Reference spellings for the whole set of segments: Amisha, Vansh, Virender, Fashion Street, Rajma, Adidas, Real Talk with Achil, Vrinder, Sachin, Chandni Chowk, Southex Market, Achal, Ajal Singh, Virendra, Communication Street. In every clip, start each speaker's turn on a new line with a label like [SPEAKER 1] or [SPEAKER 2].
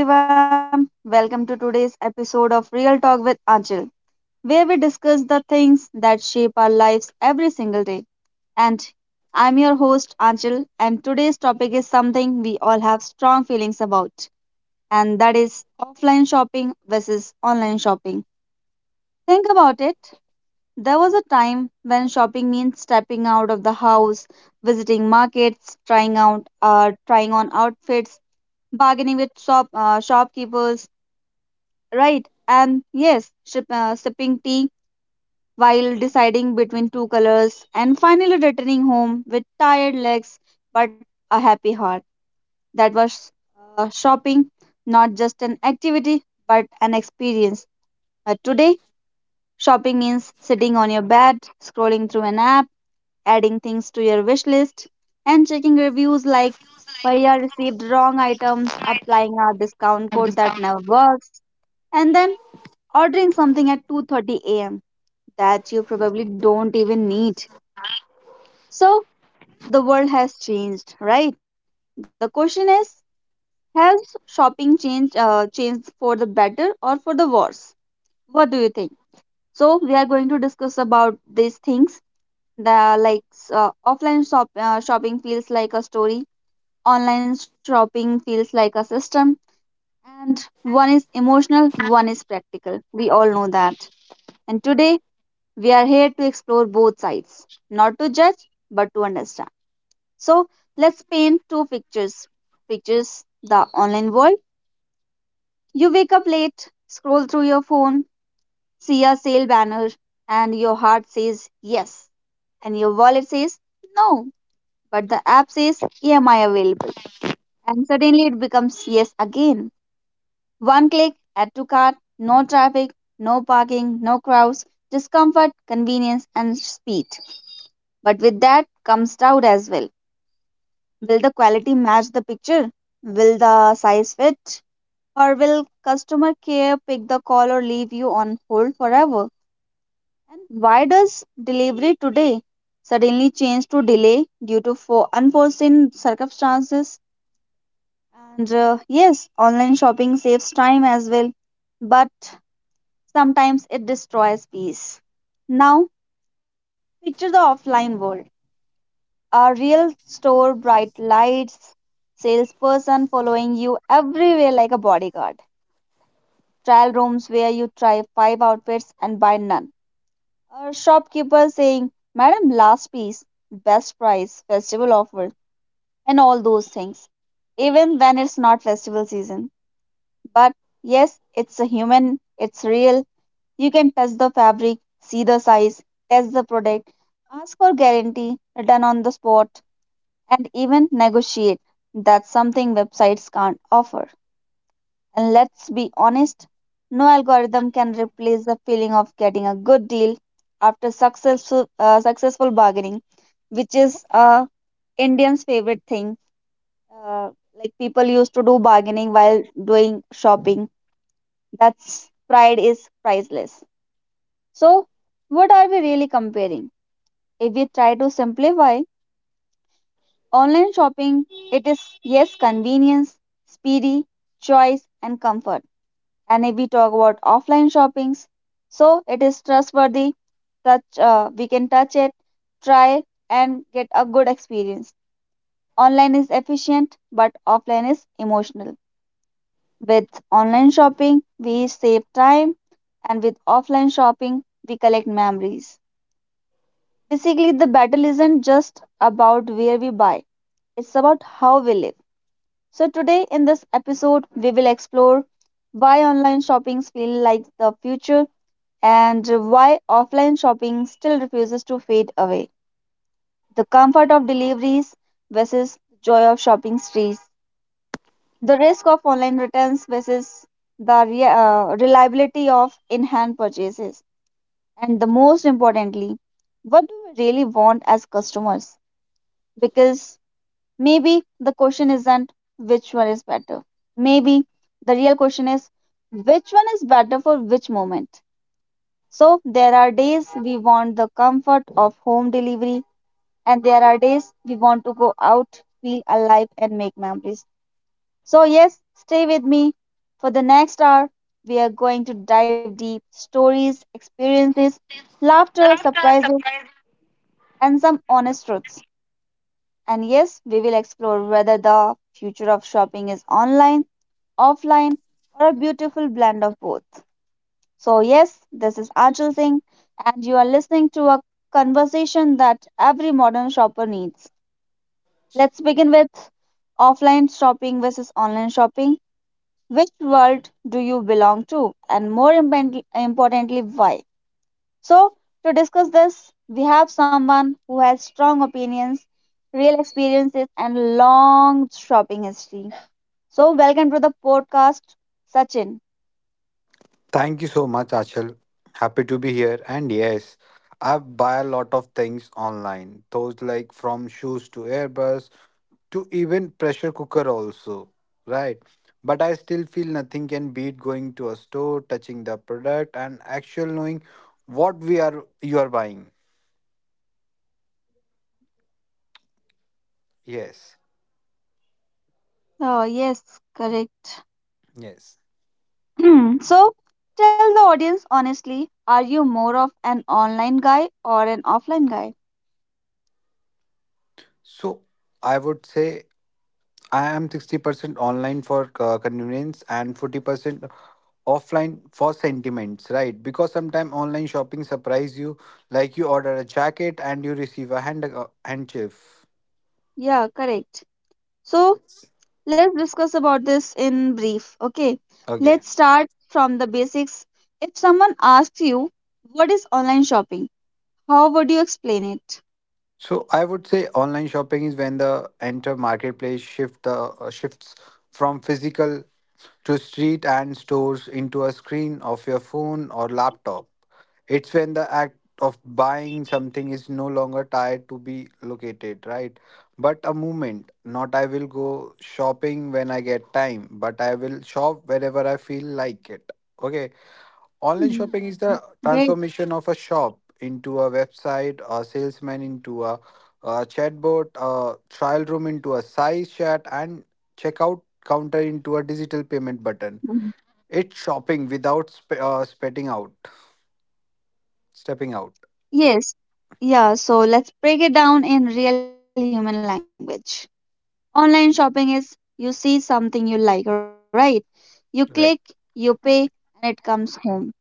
[SPEAKER 1] Hello everyone, welcome to today's episode of Real Talk with Achil, where we discuss the things that shape our lives every single day. And I'm your host Achil, and today's topic is something we all have strong feelings about, and that is offline shopping versus online shopping. Think about it. There was a time when shopping means stepping out of the house, visiting markets, trying on outfits, bargaining with shopkeepers, right? And yes, sipping tea while deciding between two colors, and finally returning home with tired legs but a happy heart. That was shopping, not just an activity but an experience. Today, shopping means sitting on your bed, scrolling through an app, adding things to your wish list, and checking reviews like why I received wrong items, applying a discount code
[SPEAKER 2] Discount.
[SPEAKER 1] that never works, and then ordering something at 2:30 a.m. that you probably don't even need. So the world has changed, right? The question is, has shopping changed for the better or for the worse? What do you think? So we are going to discuss about these things. The like offline shop Shopping feels like a story, online shopping feels like a system, and one is emotional, one is practical. We all know that. And today we are here to explore both sides, not to judge, but to understand. So let's paint two pictures. Pictures the online world. You wake up late, scroll through your phone, see a sale banner, and your heart says yes, and your wallet says no, but the app says EMI available. And suddenly it becomes yes again. One click, add to cart, no traffic, no parking, no crowds, discomfort, convenience, and speed. But with that comes doubt as well. Will the quality match the picture? Will the size fit? Or will customer care pick the call or leave you on hold forever? And why does delivery today suddenly change to delay due to for unforeseen circumstances? And yes, online shopping saves time as well, but sometimes it destroys peace. Now, picture the offline world, a real store, bright lights, salesperson following you everywhere like a bodyguard, trial rooms where you try five outfits and buy none, a shopkeeper saying, Madam, last piece, best price, festival offer, and all those things, even when it's not festival season. But yes, it's a human, it's real. You can touch the fabric, see the size, test the product, ask for guarantee, return on the spot, and even negotiate. That's something websites can't offer. And let's be honest, no algorithm can replace the feeling of getting a good deal after successful bargaining, which is Indians' favorite thing. Uh, like people used to do bargaining while doing shopping. That's pride is priceless. So, what are we really comparing? If we try to simplify, online shopping, it is yes, convenience, speedy, choice, and comfort. And if we talk about offline shoppings, so it is trustworthy, touch we can touch it, try and get a good experience. Online is efficient, but offline is emotional. With online shopping, we save time, and with offline shopping, we collect memories. Basically, the battle isn't just about where we buy, it's about how we live. So, today in this episode, we will explore why online shoppings feel like the future and why offline shopping still refuses to fade away. The comfort of deliveries versus joy of shopping streets. The risk of online returns versus the reliability of in-hand purchases. And the most importantly, what do we really want as customers? Because maybe the question isn't which one is better. Maybe the real question is which one is better for which moment. So, there are days we want the comfort of home delivery, and there are days we want to go out, feel alive, and make memories. So, yes, stay with me for the next hour. We are going to dive deep stories, experiences, laughter, surprises, and some honest truths. And yes, we will explore whether the future of shopping is online, offline, or a beautiful blend of both. So, yes, this is Ajal Singh, and you are listening to a conversation that every modern shopper needs. Let's begin with offline shopping versus online shopping. Which world do you belong to? And more importantly, why? So, to discuss this, we have someone who has strong opinions, real experiences, and long shopping history. So, welcome to the podcast, Sachin.
[SPEAKER 2] Thank you so much, Achal. Happy to be here. And yes, I buy a lot of things online, those like from shoes to earbuds to even pressure cooker also, right? But I still feel nothing can beat going to a store, touching the product, and actual knowing what we are you are buying. Yes,
[SPEAKER 1] Oh, yes, correct.
[SPEAKER 2] yes.
[SPEAKER 1] Hmm, so, tell the audience honestly, are you more of an online guy or an offline guy?
[SPEAKER 2] So I would say I am 60% online for convenience and 40% offline for sentiments, right? Because sometimes online shopping surprise you, like you order a jacket and you receive a handkerchief.
[SPEAKER 1] Yeah, correct. So, let's discuss about this in brief. Okay,
[SPEAKER 2] Okay.
[SPEAKER 1] let's start from the basics. If someone asks you, what is online shopping? How would you explain it?
[SPEAKER 2] So I would say online shopping is when the enter marketplace shifts from physical to street and stores into a screen of your phone or laptop. It's when the act of buying something is no longer tied to be located, right? But a movement, not I will go shopping when I get time, but I will shop wherever I feel like it. Okay. Online
[SPEAKER 1] Hmm,
[SPEAKER 2] shopping is the
[SPEAKER 1] great.
[SPEAKER 2] transformation of a shop into a website, a salesman into a chatbot, a trial room into a size chat, and checkout counter into a digital payment button.
[SPEAKER 1] Mhm.
[SPEAKER 2] It's shopping without stepping out.
[SPEAKER 1] Yes. Yeah, so let's break it down in real human language. Online shopping is you see something you like, right? You click,
[SPEAKER 2] Right.
[SPEAKER 1] you pay, and it comes home.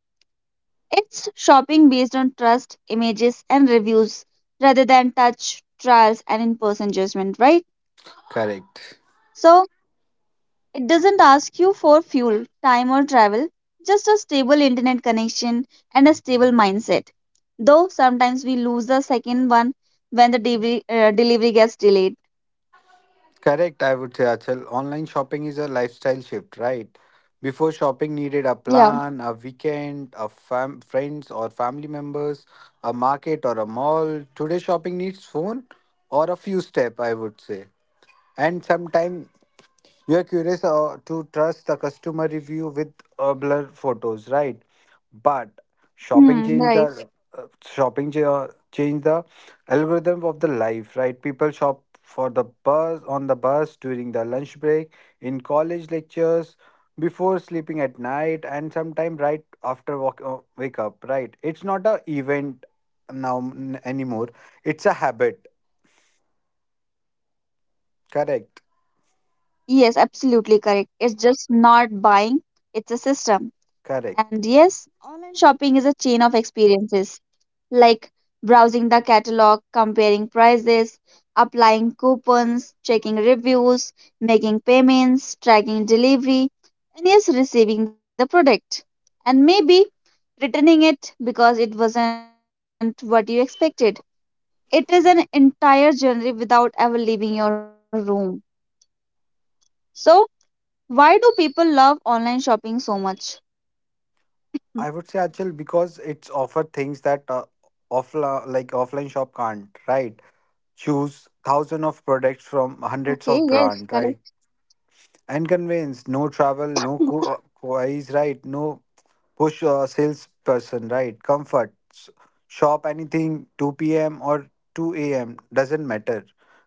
[SPEAKER 1] It's shopping based on trust, images, and reviews rather than touch, trials, and in person judgment, right?
[SPEAKER 2] Correct.
[SPEAKER 1] So, it doesn't ask you for fuel, time, or travel, just a stable internet connection and a stable mindset. Though sometimes we lose the second one when the delivery gets delayed.
[SPEAKER 2] Correct, I would say, Achal. Online shopping is a lifestyle shift, right? Before shopping needed a
[SPEAKER 1] Yeah.
[SPEAKER 2] plan, a weekend, a friends or family members, a market or a mall. Today shopping needs phone or a few step, I would say. And sometime you are curious to trust the customer review with blur photos, right? But shopping
[SPEAKER 1] Hmm,
[SPEAKER 2] changed
[SPEAKER 1] right.
[SPEAKER 2] the shopping ch- changed the algorithm of the life, right? People shop for the bus on the bus during the lunch break, in college lectures, before sleeping at night, and sometime right after wake up, right? It's not a event now anymore. It's a habit. Correct.
[SPEAKER 1] Yes, absolutely correct. It's just not buying, it's a system. And yes,
[SPEAKER 2] Correct.
[SPEAKER 1] online shopping is a chain of experiences, like browsing the catalog, comparing prices, applying coupons, checking reviews, making payments, tracking delivery, and yes, receiving the product. And maybe returning it because it wasn't what you expected. It is an entire journey without ever leaving your room. So, why do people love online shopping so much?
[SPEAKER 2] I would say Achal because it's offer things that offline shop can't, right? Choose thousand of products from hundreds of
[SPEAKER 1] Okay,
[SPEAKER 2] brand,
[SPEAKER 1] yes,
[SPEAKER 2] right?
[SPEAKER 1] correct.
[SPEAKER 2] And convince, no travel, no is right, no push salesperson, right? Comfort, shop anything 2 p.m. or 2 a.m., doesn't matter.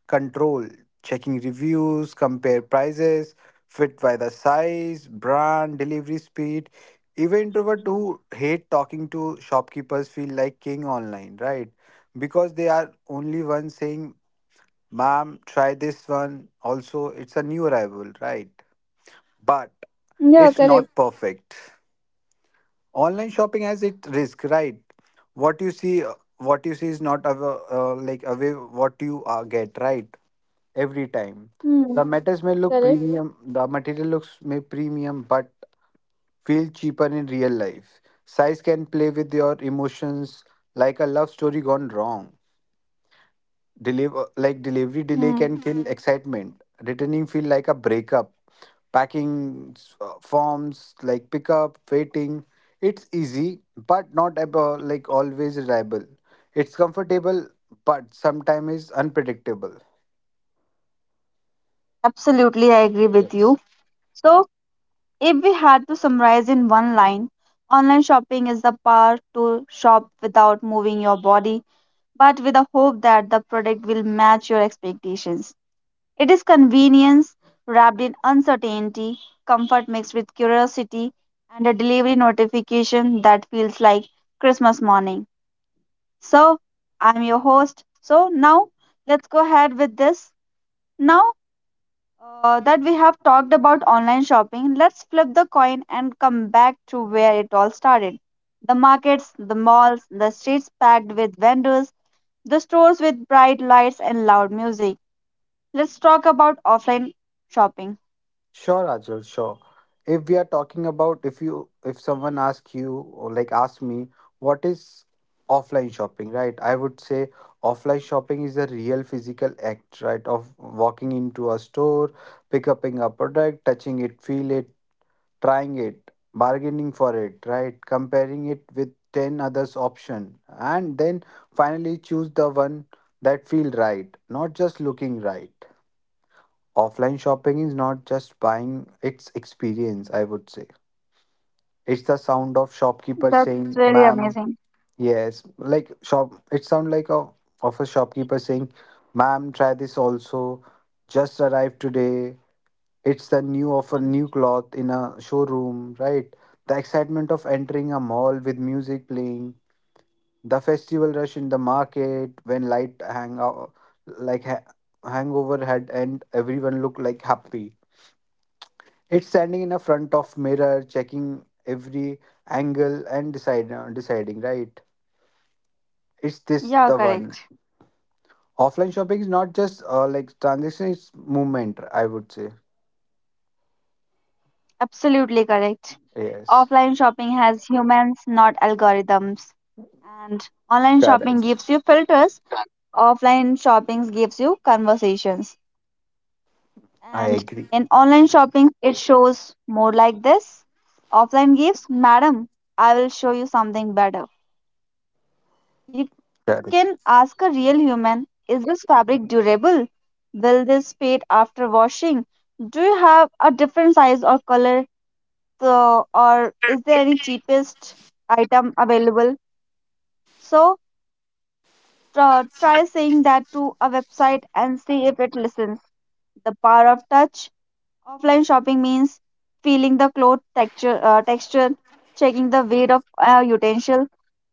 [SPEAKER 2] Control, checking reviews, compare prices, fit by the size, brand, delivery speed. Even introvert who hate talking to shopkeepers feel like king online, right? Because they are only one saying, ma'am, try this one also, it's a new arrival, right? But
[SPEAKER 1] Yeah,
[SPEAKER 2] it's not
[SPEAKER 1] correct.
[SPEAKER 2] perfect. Online shopping has its risk, right? What you see uh, what you see is not like away what you get, right? Every time the
[SPEAKER 1] Hmm,
[SPEAKER 2] matters may look premium
[SPEAKER 1] correct.
[SPEAKER 2] the material looks may premium, but feel cheaper in real life. Size can play with your emotions, like a love story gone wrong. Delivery
[SPEAKER 1] Hmm.
[SPEAKER 2] delay can kill, mhm, excitement. Returning feel like a breakup. Packing forms like pickup, waiting. It's easy, but not about like always reliable. It's comfortable, but sometimes is unpredictable.
[SPEAKER 1] Absolutely, I agree with
[SPEAKER 2] Yes.
[SPEAKER 1] you. So, if we had to summarize in one line, online shopping is the power to shop without moving your body, but with the hope that the product will match your expectations. It is convenience wrapped in uncertainty, comfort mixed with curiosity, and a delivery notification that feels like Christmas morning. So, I'm your host. So, now let's go ahead with this. Now, that we have talked about online shopping, let's flip the coin and come back to where it all started. The markets, the malls, the streets packed with vendors, the stores with bright lights and loud music. Let's talk about offline shopping.
[SPEAKER 2] Sure, Ajal, sure. If we are talking about, if someone asks you or like ask me, what is offline shopping, right? I would say offline shopping is a real physical act, right? Of walking into a store, pick upping a product, touching it, feel it, trying it, bargaining for it, right? Comparing it with 10 others option, and then finally choose the one that feel right, not just looking right. Offline shopping is not just buying, it's experience, I would say. It's the sound of shopkeeper
[SPEAKER 1] That's
[SPEAKER 2] saying,
[SPEAKER 1] really
[SPEAKER 2] ma'am,
[SPEAKER 1] amazing.
[SPEAKER 2] yes. Like shop it sound like a of a shopkeeper saying, ma'am, try this also. Just arrived today. It's the new of a new cloth in a showroom, right? The excitement of entering a mall with music playing, the festival rush in the market when light hang out like hangover had, and everyone looked like happy. It's standing in a front of mirror, checking every angle and deciding, right? Is this
[SPEAKER 1] Yeah,
[SPEAKER 2] the one?
[SPEAKER 1] correct.
[SPEAKER 2] Offline shopping is not just like transaction, it's movement, I would say.
[SPEAKER 1] Absolutely correct.
[SPEAKER 2] Yes,
[SPEAKER 1] Offline shopping has humans, not algorithms. And online shopping
[SPEAKER 2] correct.
[SPEAKER 1] gives you filters, offline shopping gives you conversations.
[SPEAKER 2] I
[SPEAKER 1] And
[SPEAKER 2] agree.
[SPEAKER 1] in online shopping, it shows more like this. Offline gives, Madam, I will show you something better. You can ask
[SPEAKER 2] Correct.
[SPEAKER 1] a real human, is this fabric durable? Will this fade after washing? Do you have a different size or color? So, or is there any cheapest item available? So, try saying that to a website and see if it listens. The power of touch. Offline shopping means feeling the cloth texture, checking the weight of a utensil,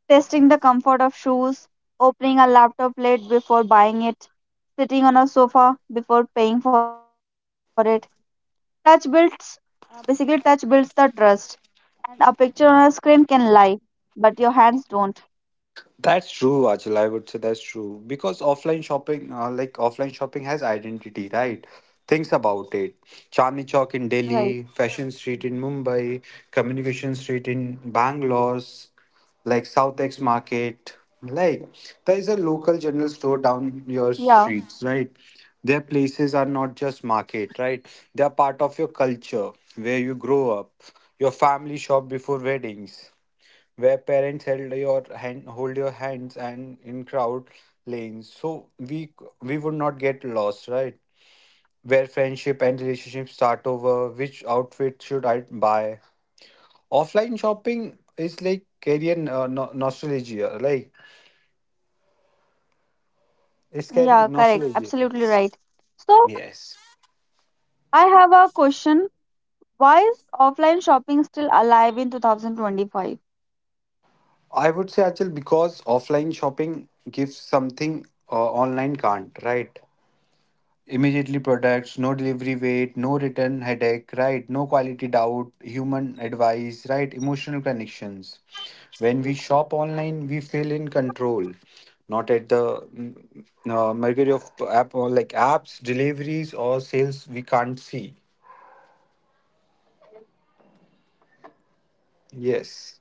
[SPEAKER 1] testing the comfort of shoes, opening a laptop lid before buying it, sitting on a sofa before paying for it. Touch builds, Basically, touch builds the trust. And a picture on a screen can lie, but your hands don't.
[SPEAKER 2] That's true, Achal. I would say that's true because offline shopping, has identity, right? Things about it. Chandni Chowk in
[SPEAKER 1] Right.
[SPEAKER 2] Delhi, Fashion Street in Mumbai, Communication Street in Bangalore, like Southex Market. Like there is a local general store down your
[SPEAKER 1] Yeah.
[SPEAKER 2] streets, right? Their places are not just market, right? They are part of your culture, where you grow up, your family shop before weddings, where parents held your hand hold your hands and in crowd lanes, so we we would not get lost, right? Where friendship and relationship start over which outfit should I buy. Offline shopping is like carrying nostalgia, like it's
[SPEAKER 1] Yeah,
[SPEAKER 2] carrying
[SPEAKER 1] correct.
[SPEAKER 2] nostalgia.
[SPEAKER 1] Absolutely right. So,
[SPEAKER 2] Yes,
[SPEAKER 1] I have a question. Why is offline shopping still alive in 2025?
[SPEAKER 2] I would say, actually, because offline shopping gives something online can't, right? Immediately products, no delivery wait, no return headache, right? No quality doubt, human advice, right? Emotional connections. When we shop online, we feel in control, not at the mercury of app or like apps, deliveries or sales we can't see. Yes,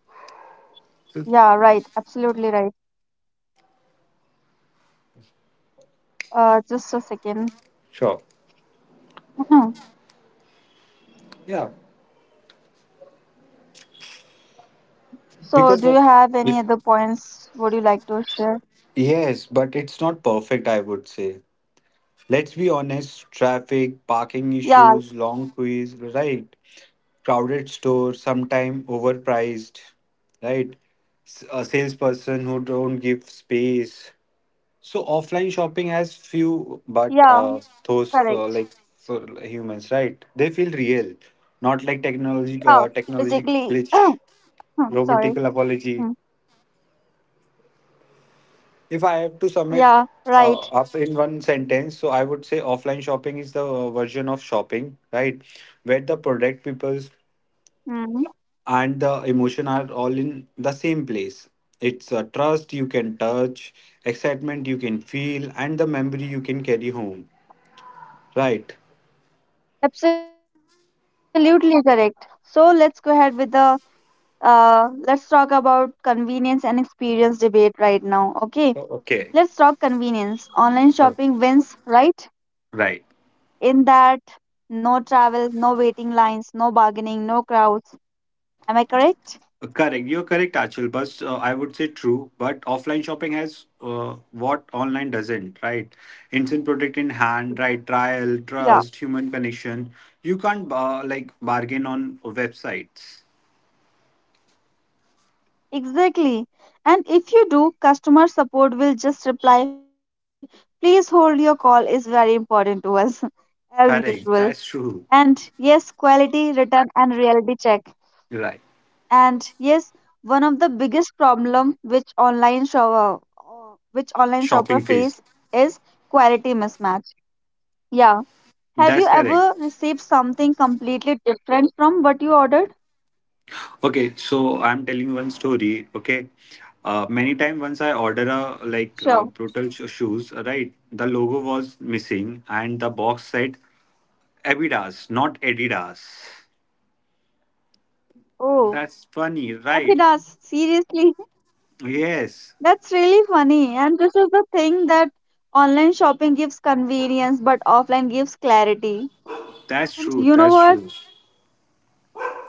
[SPEAKER 1] Yeah, right. Absolutely right. Just a second.
[SPEAKER 2] sure. Yeah,
[SPEAKER 1] So,
[SPEAKER 2] because
[SPEAKER 1] do
[SPEAKER 2] what?
[SPEAKER 1] you have any other points would you like to share?
[SPEAKER 2] Yes, but it's not perfect, I would say. Let's be honest, traffic, parking
[SPEAKER 1] Yeah,
[SPEAKER 2] issues, long queues, right? Crowded stores, sometime overpriced, right? A salesperson who don't give space. So offline shopping has few, but
[SPEAKER 1] yeah,
[SPEAKER 2] those for
[SPEAKER 1] correct.
[SPEAKER 2] like for humans, right? They feel real, not like technology
[SPEAKER 1] Yeah,
[SPEAKER 2] uh, technology
[SPEAKER 1] basically,
[SPEAKER 2] glitch,
[SPEAKER 1] hmm, sorry.
[SPEAKER 2] robotical apology.
[SPEAKER 1] Mm.
[SPEAKER 2] If I have to sum it
[SPEAKER 1] Yeah, right.
[SPEAKER 2] up in one sentence, so I would say offline shopping is the version of shopping, right? Where the product, people's,
[SPEAKER 1] Hmm.
[SPEAKER 2] and the emotion are all in the same place. It's a trust you can touch, excitement you can feel, and the memory you can carry home, right?
[SPEAKER 1] Absolutely correct. So, let's go ahead with the let's talk about convenience and experience debate right now. Okay,
[SPEAKER 2] Okay.
[SPEAKER 1] let's talk convenience. Online
[SPEAKER 2] Oh,
[SPEAKER 1] shopping wins, right?
[SPEAKER 2] right.
[SPEAKER 1] In that, no travel, no waiting lines, no bargaining, no crowds. Am I correct?
[SPEAKER 2] Correct. You're correct, Achal. But I would say true. But offline shopping has what online doesn't, right? Instant product in hand, right? Trial, trust,
[SPEAKER 1] Yeah,
[SPEAKER 2] human connection. You can't like bargain on websites.
[SPEAKER 1] exactly. And if you do, customer support will just reply, please hold your call is very important to us, as usual.
[SPEAKER 2] Correct. That's
[SPEAKER 1] And
[SPEAKER 2] true.
[SPEAKER 1] yes, quality, return, and reality check.
[SPEAKER 2] Right.
[SPEAKER 1] And yes, one of the biggest problem which online shopper
[SPEAKER 2] Shopping phase.
[SPEAKER 1] face is quality mismatch. Yeah. Have
[SPEAKER 2] That's
[SPEAKER 1] you
[SPEAKER 2] correct.
[SPEAKER 1] ever received something completely different from what you ordered?
[SPEAKER 2] Okay. So I'm telling you one story. Okay. Many time once I order a like
[SPEAKER 1] Sure.
[SPEAKER 2] brutal shoes, right? The logo was missing and the box said Abidas, not Adidas.
[SPEAKER 1] Oh,
[SPEAKER 2] That's funny, right?
[SPEAKER 1] Abhilash, seriously?
[SPEAKER 2] Yes,
[SPEAKER 1] That's really funny. And this is the thing that online shopping gives convenience, but offline gives clarity.
[SPEAKER 2] that's
[SPEAKER 1] And
[SPEAKER 2] true.
[SPEAKER 1] you know
[SPEAKER 2] That's
[SPEAKER 1] what?
[SPEAKER 2] true.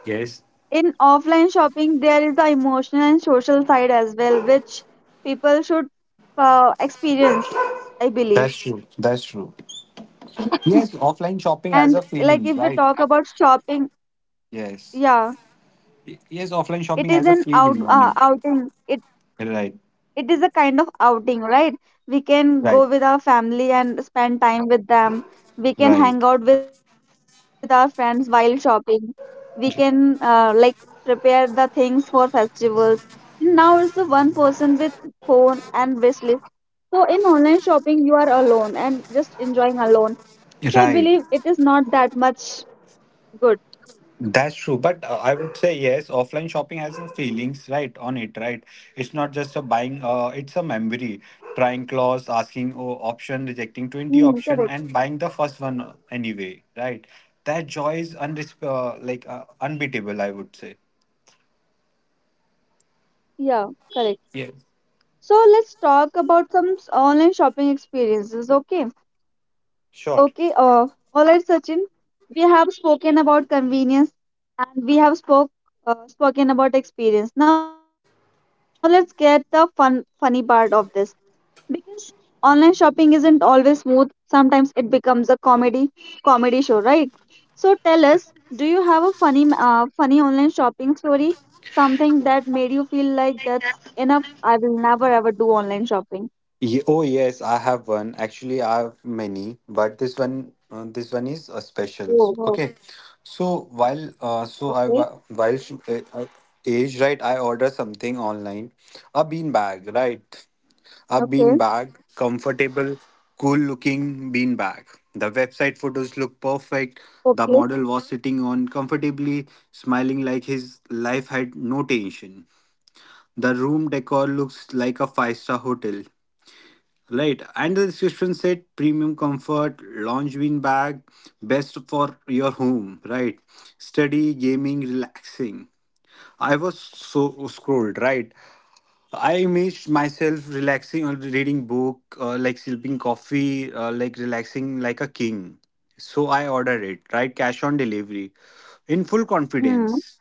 [SPEAKER 2] Yes,
[SPEAKER 1] In offline shopping, there is the emotional and social side as well, which people should experience, I believe.
[SPEAKER 2] that's true. That's true. Yes, offline shopping has
[SPEAKER 1] And
[SPEAKER 2] a
[SPEAKER 1] like
[SPEAKER 2] feeling,
[SPEAKER 1] if we
[SPEAKER 2] right?
[SPEAKER 1] talk about shopping,
[SPEAKER 2] Yes.
[SPEAKER 1] yeah,
[SPEAKER 2] Yes, offline shopping
[SPEAKER 1] it is
[SPEAKER 2] has a
[SPEAKER 1] an
[SPEAKER 2] feeling on it.
[SPEAKER 1] outing.
[SPEAKER 2] Right.
[SPEAKER 1] It is a kind of outing, right? We can go
[SPEAKER 2] Right.
[SPEAKER 1] with our family and spend time with them, we can hang
[SPEAKER 2] Right.
[SPEAKER 1] out with our friends while shopping, we can like prepare the things for festivals. Now it's the one person with phone and wish list, so in online shopping you are alone and just enjoying alone, so I
[SPEAKER 2] Right.
[SPEAKER 1] believe it is not that much good.
[SPEAKER 2] That's true, but I would say yes, offline shopping has some feelings right on it, right? It's not just a buying, it's a memory. Trying clothes, asking, oh, option, rejecting 20
[SPEAKER 1] Mm,
[SPEAKER 2] option,
[SPEAKER 1] correct.
[SPEAKER 2] and buying the first one anyway, right? That joy is unbeatable, I would say.
[SPEAKER 1] Yeah, correct.
[SPEAKER 2] Yes,
[SPEAKER 1] So let's talk about some online shopping experiences. Okay,
[SPEAKER 2] sure.
[SPEAKER 1] Okay, all right, Sachin. We have spoken about convenience and we have spoken about experience. Now let's get the funny part of this because online shopping isn't always smooth. Sometimes it becomes a comedy show, right? So tell us, do you have a funny online shopping story? Something that made you feel like that's enough. I will never ever do online shopping.
[SPEAKER 2] Oh yes, I have one. Actually, I have many, but this one is a specials. Okay,
[SPEAKER 1] Oh, oh,
[SPEAKER 2] so while uh, so I wa-
[SPEAKER 1] okay,
[SPEAKER 2] while sh- uh, uh, age right, I order something online, a bean bag, right, a bean bag,
[SPEAKER 1] okay,
[SPEAKER 2] comfortable, cool looking bean bag. The website photos look perfect. The model was sitting
[SPEAKER 1] okay.
[SPEAKER 2] on comfortably, smiling like his life had no tension. The room decor looks like a five-star hotel. Right, and the description said premium comfort, Longvin bag, best for your home, right? Study, gaming, relaxing. I was so scrolled, right? I imaged myself relaxing or reading book, like sipping coffee, like relaxing like a king. So I ordered it, right? Cash on delivery. In full
[SPEAKER 1] Hmm.
[SPEAKER 2] confidence.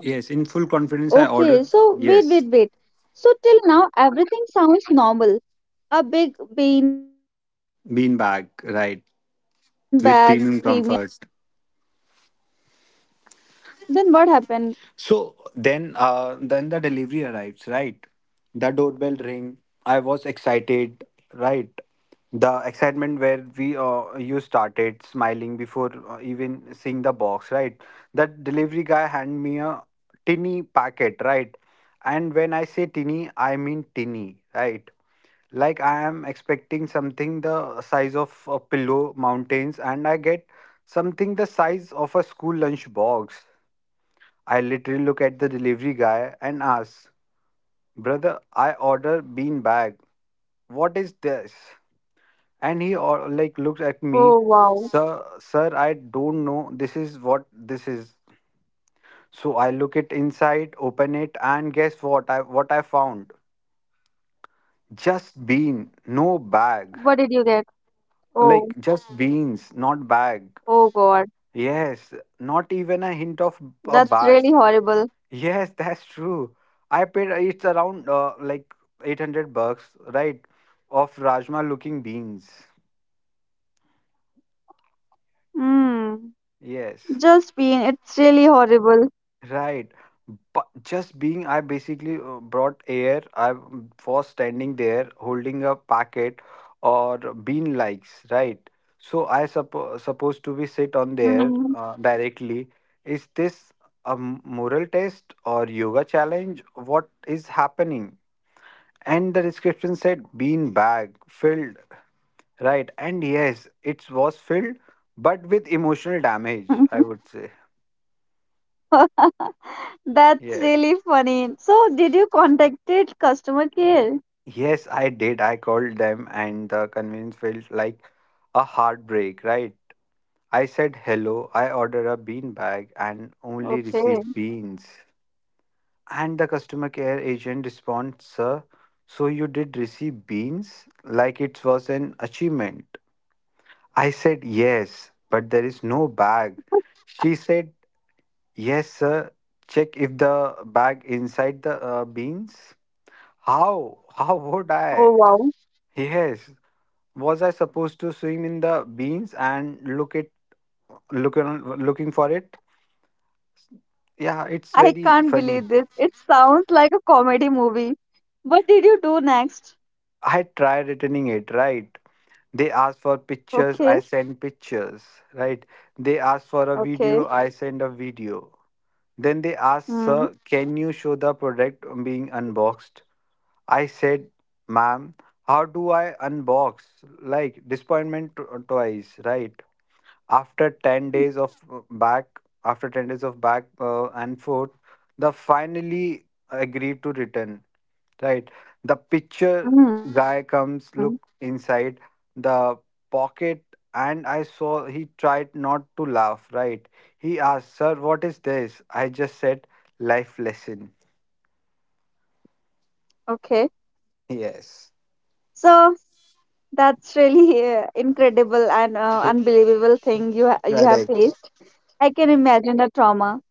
[SPEAKER 2] Yes, in full confidence I
[SPEAKER 1] Okay,
[SPEAKER 2] ordered,
[SPEAKER 1] so wait, wait,
[SPEAKER 2] yes,
[SPEAKER 1] wait. So till now, everything sounds normal. A big bean bag, premium
[SPEAKER 2] bean
[SPEAKER 1] comfort,
[SPEAKER 2] bag,
[SPEAKER 1] nice
[SPEAKER 2] right?
[SPEAKER 1] marketing. Then what
[SPEAKER 2] With
[SPEAKER 1] happened?
[SPEAKER 2] premium comfort.
[SPEAKER 1] Then what happened?
[SPEAKER 2] So then the delivery arrives, right? The doorbell ring. I was excited, right? The excitement where we you started smiling before even seeing the box, right? That delivery guy hand me a tinny packet, right? And when I say tinny, I mean tinny, right? Like I am expecting something the size of a pillow mountains, and I get something the size of a school lunch box. I literally look at the delivery guy and ask, "Brother, I order bean bag. What is this?" And he like looks at me,
[SPEAKER 1] Oh, wow.
[SPEAKER 2] "Sir, sir, I don't know. This is what this is." So I look it inside, open it, and guess what? I what I found? Just bean, no bag.
[SPEAKER 1] What did you get?
[SPEAKER 2] Like
[SPEAKER 1] Oh,
[SPEAKER 2] just beans, not
[SPEAKER 1] oh
[SPEAKER 2] bag.
[SPEAKER 1] God.
[SPEAKER 2] Yes, not even a hint of a
[SPEAKER 1] That's
[SPEAKER 2] bag.
[SPEAKER 1] really horrible.
[SPEAKER 2] Yes, that's true. I paid it's around like 800 bucks, right? Of Rajma looking beans.
[SPEAKER 1] Hmm.
[SPEAKER 2] Yes,
[SPEAKER 1] Just bean, it's really horrible.
[SPEAKER 2] right. But just being, I basically brought air. I was standing there holding a packet or bean likes, right? So I supposed to be sit on there
[SPEAKER 1] Hmm.
[SPEAKER 2] directly. Is this a moral test or yoga challenge? What is happening? And the description said bean bag filled, right? And yes, it was filled, but with emotional damage, I would say.
[SPEAKER 1] That's
[SPEAKER 2] Yes,
[SPEAKER 1] really funny. So did you contacted customer care?
[SPEAKER 2] yes, I did. I called them and the convenience felt like a heartbreak, right? I said, "Hello, I ordered a bean bag
[SPEAKER 1] Okay.
[SPEAKER 2] and only received beans." And the customer care agent responds, "Sir, so you did receive beans," like it was an achievement. I said, "Yes, but there is no bag." She said, "Yes, sir. Check if the bag inside the beans." How? How would I?
[SPEAKER 1] Oh, wow.
[SPEAKER 2] Yes. Was I supposed to swim in the beans and looking for it? Yeah, it's
[SPEAKER 1] I
[SPEAKER 2] very
[SPEAKER 1] can't
[SPEAKER 2] funny.
[SPEAKER 1] believe this. It sounds like a comedy movie. What did you do next?
[SPEAKER 2] I tried returning it, right? They asked for pictures, I
[SPEAKER 1] Okay,
[SPEAKER 2] send pictures, right? They asked for a video,
[SPEAKER 1] okay.
[SPEAKER 2] I send a video. Then they asked, "Sir,
[SPEAKER 1] Mm,
[SPEAKER 2] can you show the product being unboxed?" I said, "Ma'am, how do I unbox?" Like, disappointment twice, right? After 10 days of uh, back, After 10 days of back and forth, the finally agreed to return, right? The picture guy
[SPEAKER 1] mm,
[SPEAKER 2] comes, look inside the pocket, and I saw he tried not to laugh, right? He asked, "Sir, what is this?" I just said, "Life lesson."
[SPEAKER 1] okay.
[SPEAKER 2] Yes.
[SPEAKER 1] So that's really incredible and unbelievable thing you ha you have
[SPEAKER 2] Correct.
[SPEAKER 1] faced. I can imagine the trauma.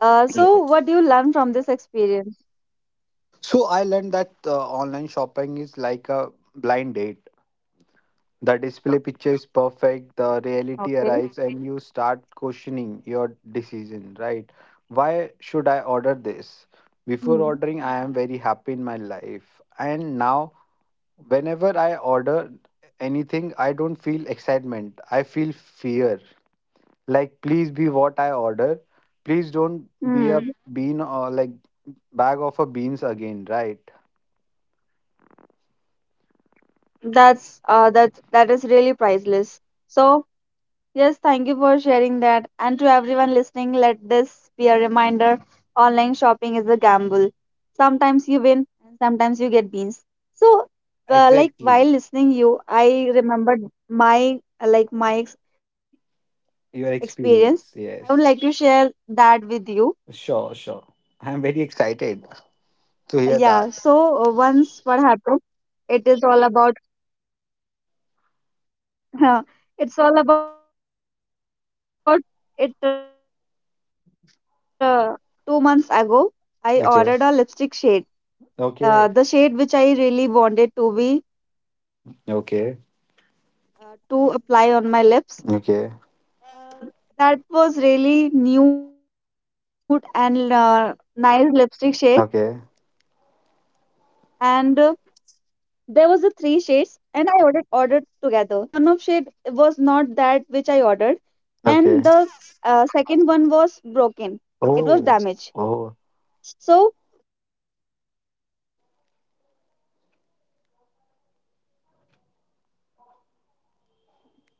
[SPEAKER 1] So
[SPEAKER 2] Yes,
[SPEAKER 1] what do you learn from this experience?
[SPEAKER 2] so I learned that online shopping is like a blind date. The display picture is perfect, the
[SPEAKER 1] Okay.
[SPEAKER 2] reality arrives, and you start questioning your decision, right? Why should I order this? Before
[SPEAKER 1] Mm.
[SPEAKER 2] ordering, I am very happy in my life. And now, whenever I order anything, I don't feel excitement, I feel fear. Like, please be what I order. Please
[SPEAKER 1] Mm.
[SPEAKER 2] don't be a bean or like bag of a beans again, right?
[SPEAKER 1] That is really priceless. So yes, thank you for sharing that. And to everyone listening, let this be a reminder, online shopping is a gamble. Sometimes you win and sometimes you get beans. So, like while
[SPEAKER 2] Exactly.
[SPEAKER 1] listening you, I remembered my
[SPEAKER 2] Your
[SPEAKER 1] experience.
[SPEAKER 2] experience,
[SPEAKER 1] I would like to
[SPEAKER 2] yes.
[SPEAKER 1] share that with you.
[SPEAKER 2] Sure, sure. I'm very excited to hear
[SPEAKER 1] Yeah,
[SPEAKER 2] that.
[SPEAKER 1] so once what happened, it is all about it's all about it 2 months ago, I ordered
[SPEAKER 2] Okay.
[SPEAKER 1] a lipstick shade.
[SPEAKER 2] Okay.
[SPEAKER 1] The shade which I really wanted to be to apply
[SPEAKER 2] Okay.
[SPEAKER 1] on my lips. Uh, that was really
[SPEAKER 2] Okay.
[SPEAKER 1] nude and nice lipstick shade, and there was a three
[SPEAKER 2] Okay.
[SPEAKER 1] shades, and I ordered together. When it came, it was nice, but one of shade was not that which I ordered, and
[SPEAKER 2] Okay.
[SPEAKER 1] the second one was broken. It
[SPEAKER 2] Oh.
[SPEAKER 1] was damaged.
[SPEAKER 2] Oh.
[SPEAKER 1] So what happened? I tried to contact customer service and try to return it. I just come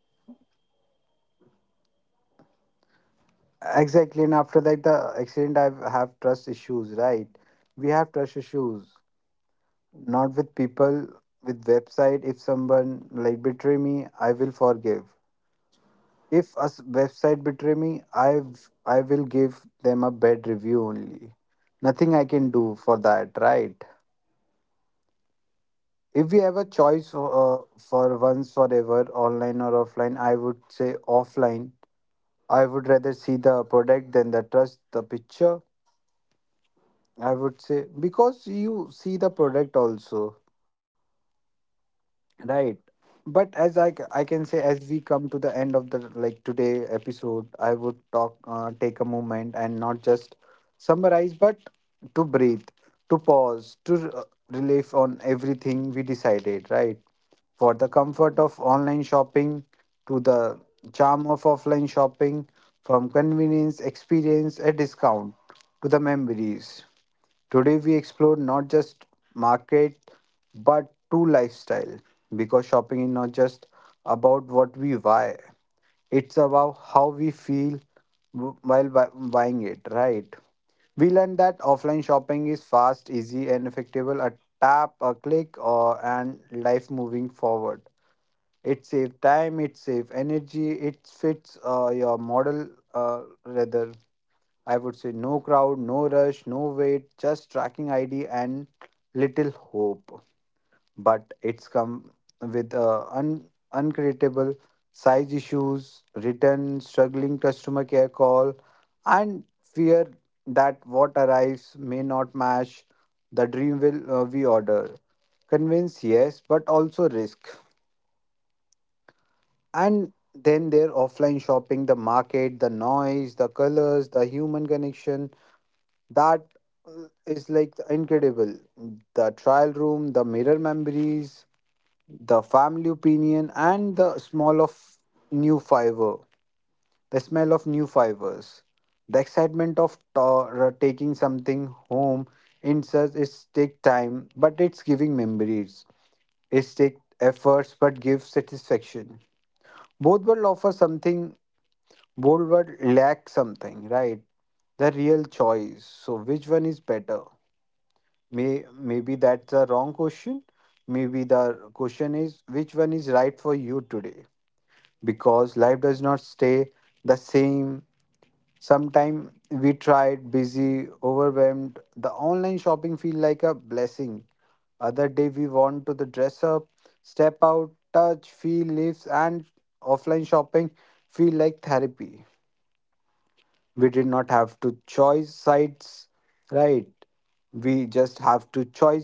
[SPEAKER 1] uh, and come the next day to pick it up, right?
[SPEAKER 2] Exactly. And after
[SPEAKER 1] And this
[SPEAKER 2] that,
[SPEAKER 1] I
[SPEAKER 2] the
[SPEAKER 1] just
[SPEAKER 2] accident, I
[SPEAKER 1] filled the
[SPEAKER 2] have trust
[SPEAKER 1] returning
[SPEAKER 2] issues,
[SPEAKER 1] form,
[SPEAKER 2] right?
[SPEAKER 1] and
[SPEAKER 2] We have trust
[SPEAKER 1] it was
[SPEAKER 2] issues,
[SPEAKER 1] showing that it will what
[SPEAKER 2] not
[SPEAKER 1] happened
[SPEAKER 2] with
[SPEAKER 1] next day.
[SPEAKER 2] people, with
[SPEAKER 1] No one
[SPEAKER 2] website.
[SPEAKER 1] came.
[SPEAKER 2] If
[SPEAKER 1] Then
[SPEAKER 2] someone
[SPEAKER 1] on the
[SPEAKER 2] like
[SPEAKER 1] third day
[SPEAKER 2] betray me, I will
[SPEAKER 1] I got
[SPEAKER 2] forgive.
[SPEAKER 1] the call that I
[SPEAKER 2] If
[SPEAKER 1] am
[SPEAKER 2] a
[SPEAKER 1] here and I
[SPEAKER 2] website
[SPEAKER 1] will pick
[SPEAKER 2] betray
[SPEAKER 1] up your
[SPEAKER 2] me, I
[SPEAKER 1] return package.
[SPEAKER 2] I
[SPEAKER 1] May
[SPEAKER 2] will
[SPEAKER 1] I
[SPEAKER 2] give
[SPEAKER 1] said
[SPEAKER 2] them a
[SPEAKER 1] that's
[SPEAKER 2] bad
[SPEAKER 1] fine.
[SPEAKER 2] review only.
[SPEAKER 1] Then
[SPEAKER 2] Nothing I can
[SPEAKER 1] suddenly
[SPEAKER 2] do for
[SPEAKER 1] no
[SPEAKER 2] that,
[SPEAKER 1] one came,
[SPEAKER 2] right?
[SPEAKER 1] and it was showing your package has returned,
[SPEAKER 2] If we have a
[SPEAKER 1] means
[SPEAKER 2] choice
[SPEAKER 1] it was
[SPEAKER 2] for once
[SPEAKER 1] literally I did
[SPEAKER 2] forever,
[SPEAKER 1] not get
[SPEAKER 2] online or
[SPEAKER 1] money
[SPEAKER 2] offline, I would
[SPEAKER 1] and I
[SPEAKER 2] say
[SPEAKER 1] had to use
[SPEAKER 2] offline.
[SPEAKER 1] that
[SPEAKER 2] I would
[SPEAKER 1] damaged
[SPEAKER 2] rather see the
[SPEAKER 1] product.
[SPEAKER 2] product than the trust the picture. I would say because
[SPEAKER 1] Hey, are
[SPEAKER 2] you
[SPEAKER 1] you
[SPEAKER 2] see
[SPEAKER 1] there?
[SPEAKER 2] the product also. Right. But as I, I can say,
[SPEAKER 1] Sachin,
[SPEAKER 2] as
[SPEAKER 1] are
[SPEAKER 2] we
[SPEAKER 1] you
[SPEAKER 2] come to
[SPEAKER 1] there?
[SPEAKER 2] the end of the like today episode, I would talk, take a moment and not just summarize, but to breathe, to pause, to relief on everything we decided, right? For the comfort of online shopping to the charm of offline shopping, from convenience, experience, a discount to the memories. Today we explore not just market but true lifestyle, because shopping is not just about what we buy. It's about how we feel while buying it, right? We learned that offline shopping is fast, easy, and effective. A tap, a click, or and life moving forward. It saves time, it saves energy, it fits your model rather, I would say, no crowd, no rush, no wait, just tracking ID and little hope. But it's come with uncreatable size issues, return, struggling customer care call, and fear that what arrives may not match the dream will we order. Convince, yes, but also risk. And then their offline shopping, the market, the noise, the colors, the human connection. That is like incredible. The trial room, the mirror memories, the family opinion, and the smell of new fiber. The smell of new fibers. The excitement of taking something home in such is take time, but it's giving memories. It's take efforts but gives satisfaction. Both world offer something, both world lack something, right? The real choice. So which one is better? Maybe that's a wrong question. Maybe the question is, which one is right for you today? Because life does not stay the same. Sometimes we tried, busy, overwhelmed. The online shopping feel like a blessing. Other day we want to the dress up, step out, touch, feel, lives, and offline shopping feel like therapy. We did not have to choice sides, right? We just have to choice.